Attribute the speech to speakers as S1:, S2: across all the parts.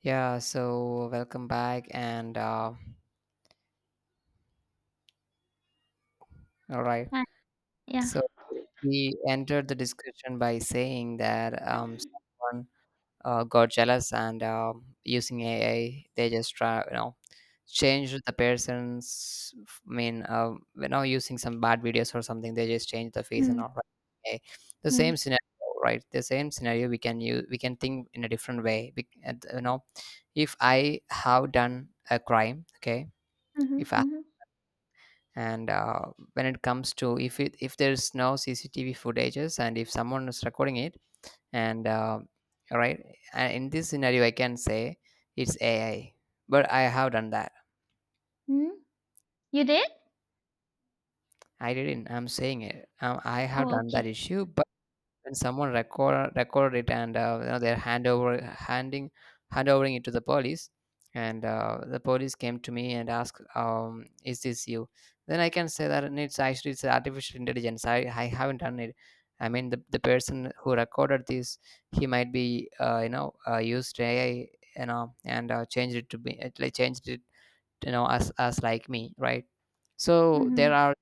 S1: Yeah, so welcome back. And all right,
S2: Hi. Yeah.
S1: so we entered the discussion by saying that someone got jealous and using AI, they just try, changed the person's, I mean, using some bad videos or something, they just change the face and all
S2: Hmm.
S1: right. Okay. The
S2: Mm,
S1: same
S2: mm.
S1: scenario, right? The same scenario we can use, we can think in a different way. You know, if I have done a crime, okay,
S2: Mhm,
S1: if
S2: mhm,
S1: and when it comes to if there's no CCTV footages and if someone is recording it and right, and in this scenario I can say it's AI, but I have done that.
S2: mhm. You did?
S1: I didn't. I'm saying it, I have
S2: Oh,
S1: done that
S2: okay.
S1: issue, but when someone record it and you know, they're hand overing it to the police, and the police came to me and asked, is this you? Then I can say that it's actually it's artificial intelligence. I haven't done it. I mean the person who recorded this, he might be, you know, used AI, you know, and changed it to be it, like changed it, you know, as like me, right? So there
S2: Mhm.
S1: are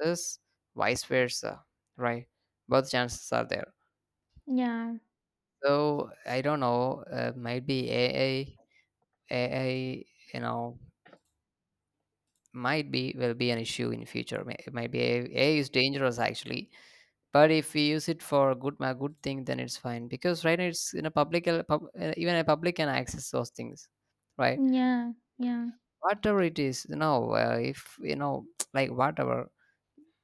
S1: chances, vice versa, right? Both chances are there.
S2: Yeah.
S1: So I don't know. Might be AI. AI, you know, might be will be an issue in future. It might be AI. AI is dangerous actually. But if we use it for good, a good thing, then it's fine. Because right now it's in a public, even a public can access those things, right?
S2: Yeah. Yeah.
S1: Whatever it is, you know, if you know, like whatever,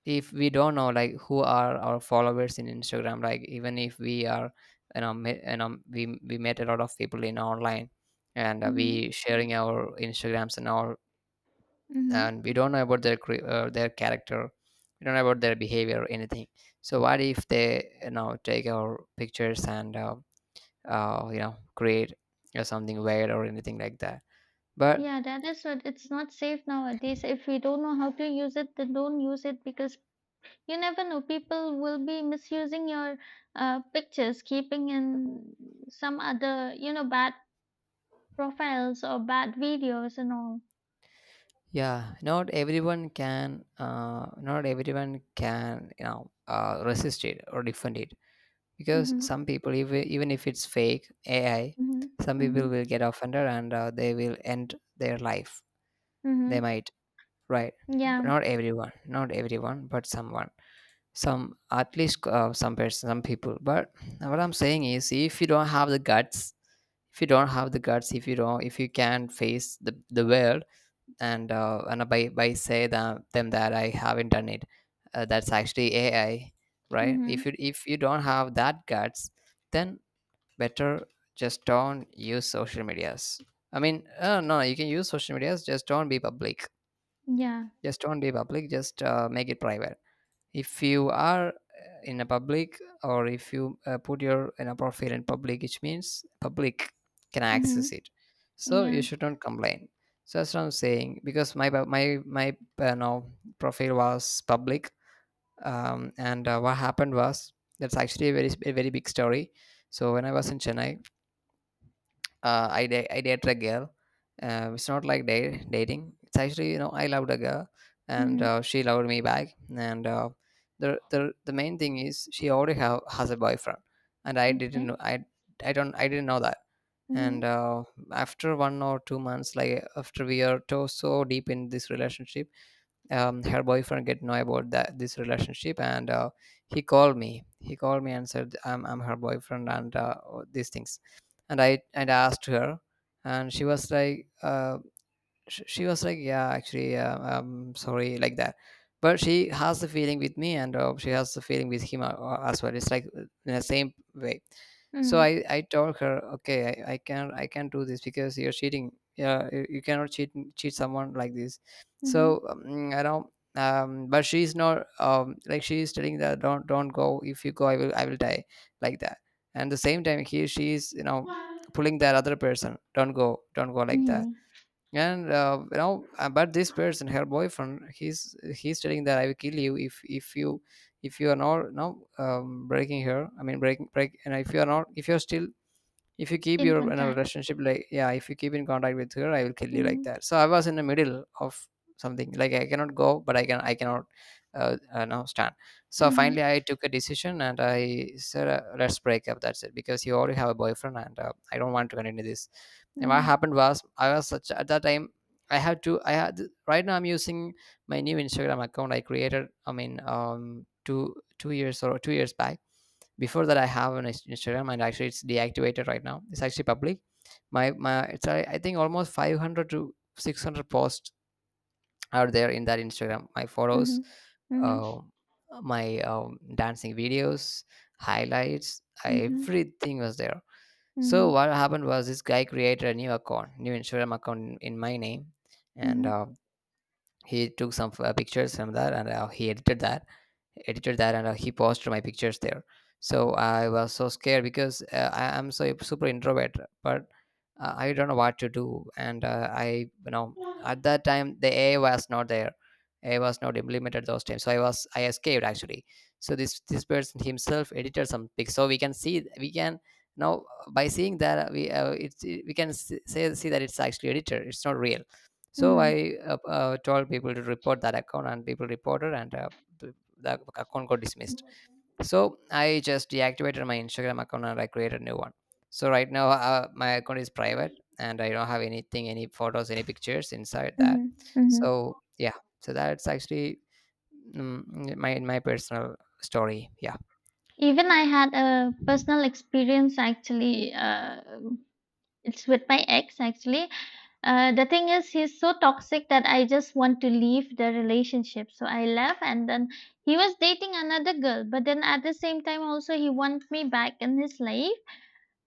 S1: if we don't know like who are our followers in Instagram, like even if we are, you know, you know, we met a lot of people in online, and
S2: Mhm.
S1: we sharing our Instagrams and all,
S2: Mhm.
S1: and we don't know about their their character. We don't know about their behavior or anything. So what if they, you know, take our pictures and you know, create something weird or anything like that, but
S2: Yeah, that is what, it's not safe nowadays. If we don't know how to use it, then don't use it, because you never know. People will be misusing your pictures, keeping in some other, bad profiles or bad videos and all.
S1: yeah, not everyone can, not everyone can, you know, resist it or defend it, because
S2: Mhm.
S1: some people, even if it's fake AI,
S2: Mhm.
S1: some people
S2: Mhm.
S1: will get offended, and they will end their life. They
S2: Mhm.
S1: might, right?
S2: Yeah.
S1: Not everyone, not everyone, but someone, some, at least, some person, some people. But what I'm saying is, if you don't have the guts, if you don't have the guts, if you don't, if you can't face the world, and by say that, them, that I haven't done it, that's actually AI, right? If
S2: Mhm.
S1: you, if you don't have that guts, then better just don't use social medias. I mean, no, you can use social medias, just don't be public.
S2: Yeah.
S1: Just don't be public. Just make it private, if you are, in a public, or if you, put your in a profile in public, which means public can
S2: Mhm.
S1: access it. So you
S2: Yeah.
S1: shouldn't complain. So that's what I'm saying, because my bu- my no, profile was public. And what happened was, that's actually a very, a very big story. So when I was in Chennai, I dated a girl. It's not like dating. It's actually, you know, I loved a girl, and
S2: Mhm.
S1: she loved me back. And the main thing is, has a boyfriend, and I
S2: Mh-mh,
S1: didn't know. I don't I didn't know that.
S2: mh-mh,
S1: And after 1 or 2 months, like after we are to, so deep in this relationship, her boyfriend get know about that, this relationship, and he called me and said, I'm her boyfriend, and these things. And I asked her. And she was like, she was like, yeah, actually, sorry, like that. But she has the feeling with me, and she has the feeling with him as well. It's like in the same way. So
S2: mm,
S1: I told her, okay, I can, I can't do this because you're cheating. Yeah, you cannot cheat someone like this.
S2: mhm.
S1: So I don't, but she's not, like she's telling that don't go, if you go, I will die, like that. And the same time, he she's, you know, pulling that other person, don't go don't go, like that.
S2: Mhm,
S1: And you know, but this person, her boyfriend, he's telling that, I will kill you. If you, if you are not, no breaking her, I mean, break. And if you are not, if you're still, if you keep
S2: den
S1: your in a
S2: Kontakt.
S1: relationship, like, yeah, if you keep in contact with her, I will kill you, like
S2: Mhm,
S1: that. So I was in the middle of something, like I cannot go, but I cannot, now stand. So
S2: mhm,
S1: finally I took a decision and I said, let's break up, that's it, because you already have a boyfriend, and I don't want to continue this. And what
S2: mhm,
S1: happened was, I was such at that time. I had, right now I'm using my new Instagram account I created, I mean, two years or 2 years back. Before that, I have an Instagram, and actually it's deactivated right now. It's actually public. It's I think almost 500 to 600 posts are there in that Instagram. My photos,
S2: mhm, mhm,
S1: uh, my dancing videos, highlights,
S2: mhm,
S1: everything was there. So
S2: mhm,
S1: what happened was, this guy created a new account, new Instagram account in my name, and
S2: mhm,
S1: he took some pictures from that, and he edited that, and he posted my pictures there. So I was so scared, because I am so super introvert. But I don't know what to do, and I, you know, at that time the AI was not there. AI was not implemented those times, so I was, I escaped actually. So this person himself edited some pics, so we can see, we can now, by seeing that, we, we can say see that it's actually edited, it's not real. So
S2: mhm,
S1: I told people to report that account, and people reported, and the account got dismissed. So I just deactivated my Instagram account and I created a new one. So right now, my account is private, and I don't have anything, any photos, any pictures inside that.
S2: mhm, mhm.
S1: So yeah, so that's actually, mm, my personal story. Yeah.
S2: Even I had a personal experience actually, it's with my ex actually. The thing is he's so toxic that I just want to leave the relationship. So I left, and then he was dating another girl, but then at the same time also he wants me back in his life.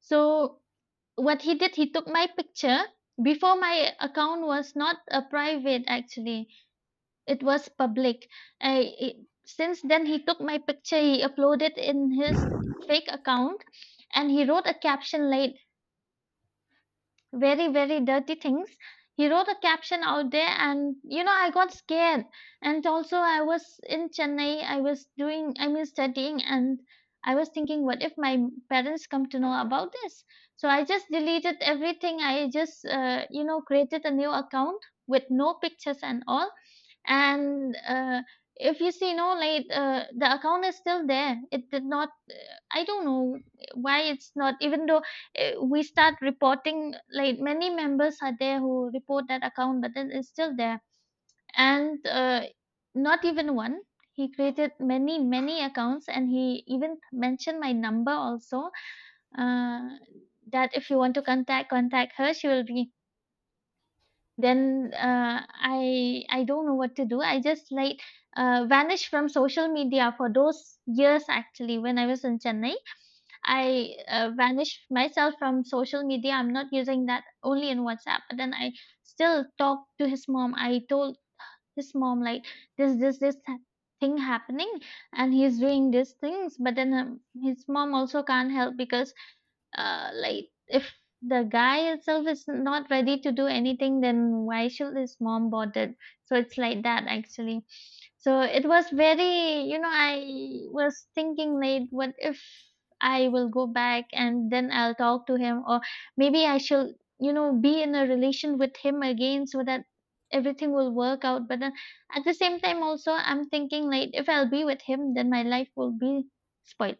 S2: So what he did, he took my picture. Before, my account was not a private, actually it was public. I, it, since then he took my picture, he uploaded in his fake account, and he wrote a caption like very very dirty things. He wrote a caption out there, and I got scared. And also, I was in Chennai, I was doing, I mean studying, and I was thinking, what if my parents come to know about this? So I just deleted everything. I just created a new account with no pictures and all. And if you see, no, like, the account is still there. It did not I don't know why it's not, even though we start reporting, like many members are there who report that account, but then it's still there. And not even one. He created many, many accounts, and he even mentioned my number also. Uh, that if you want to contact, contact her, she will be. Then I don't know what to do. I just like vanished from social media for those years, actually when I was in Chennai I vanish myself from social media. I'm not using that, only in WhatsApp. But then I still talk to his mom. I told his mom, like, this thing happening, and he's doing these things. But then his mom also can't help, because like if the guy itself is not ready to do anything, then why should his mom bother? So it's like that, actually. So it was very, I was thinking, like, what if I will go back and then I'll talk to him, or maybe I should, be in a relation with him again so that everything will work out. But then at the same time also I'm thinking, like, if I'll be with him then my life will be spoiled.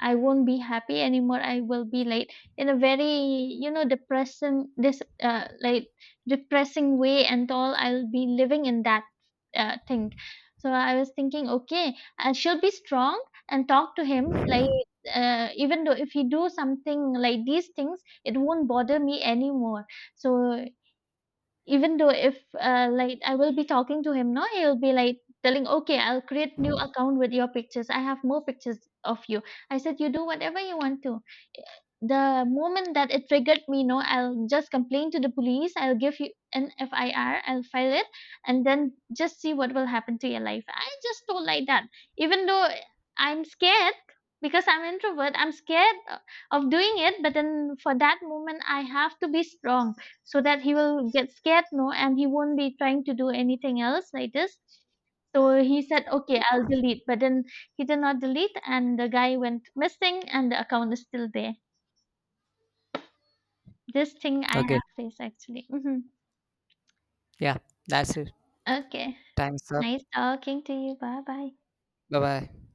S2: I won't be happy anymore. I will be like in a very, depressing, this like depressing way and all. I'll be living in that thing. So I was thinking, okay, I she'll be strong and talk to him. Like even though if he do something like these things, it won't bother me anymore. So even though if, like, I will be talking to him, no, he'll be like telling, "Okay, I'll create new account with your pictures. I have more pictures of you." I said, "You do whatever you want to. The moment that it triggered me, no, I'll just complain to the police. I'll give you an FIR. I'll file it, and then just see what will happen to your life. I just don't like that. Even though I'm scared because I'm introvert, I'm scared of doing it. But then for that moment, I have to be strong so that he will get scared, no, and he won't be trying to do anything else like this. So he said, okay, I'll delete. But then he did not delete, and the guy went missing, and the account is still there. This thing I
S1: Okay.
S2: have faced, actually. Mhm.
S1: Yeah. That's it.
S2: Okay.
S1: Time's up.
S2: Nice talking to you. Bye bye.
S1: Bye bye.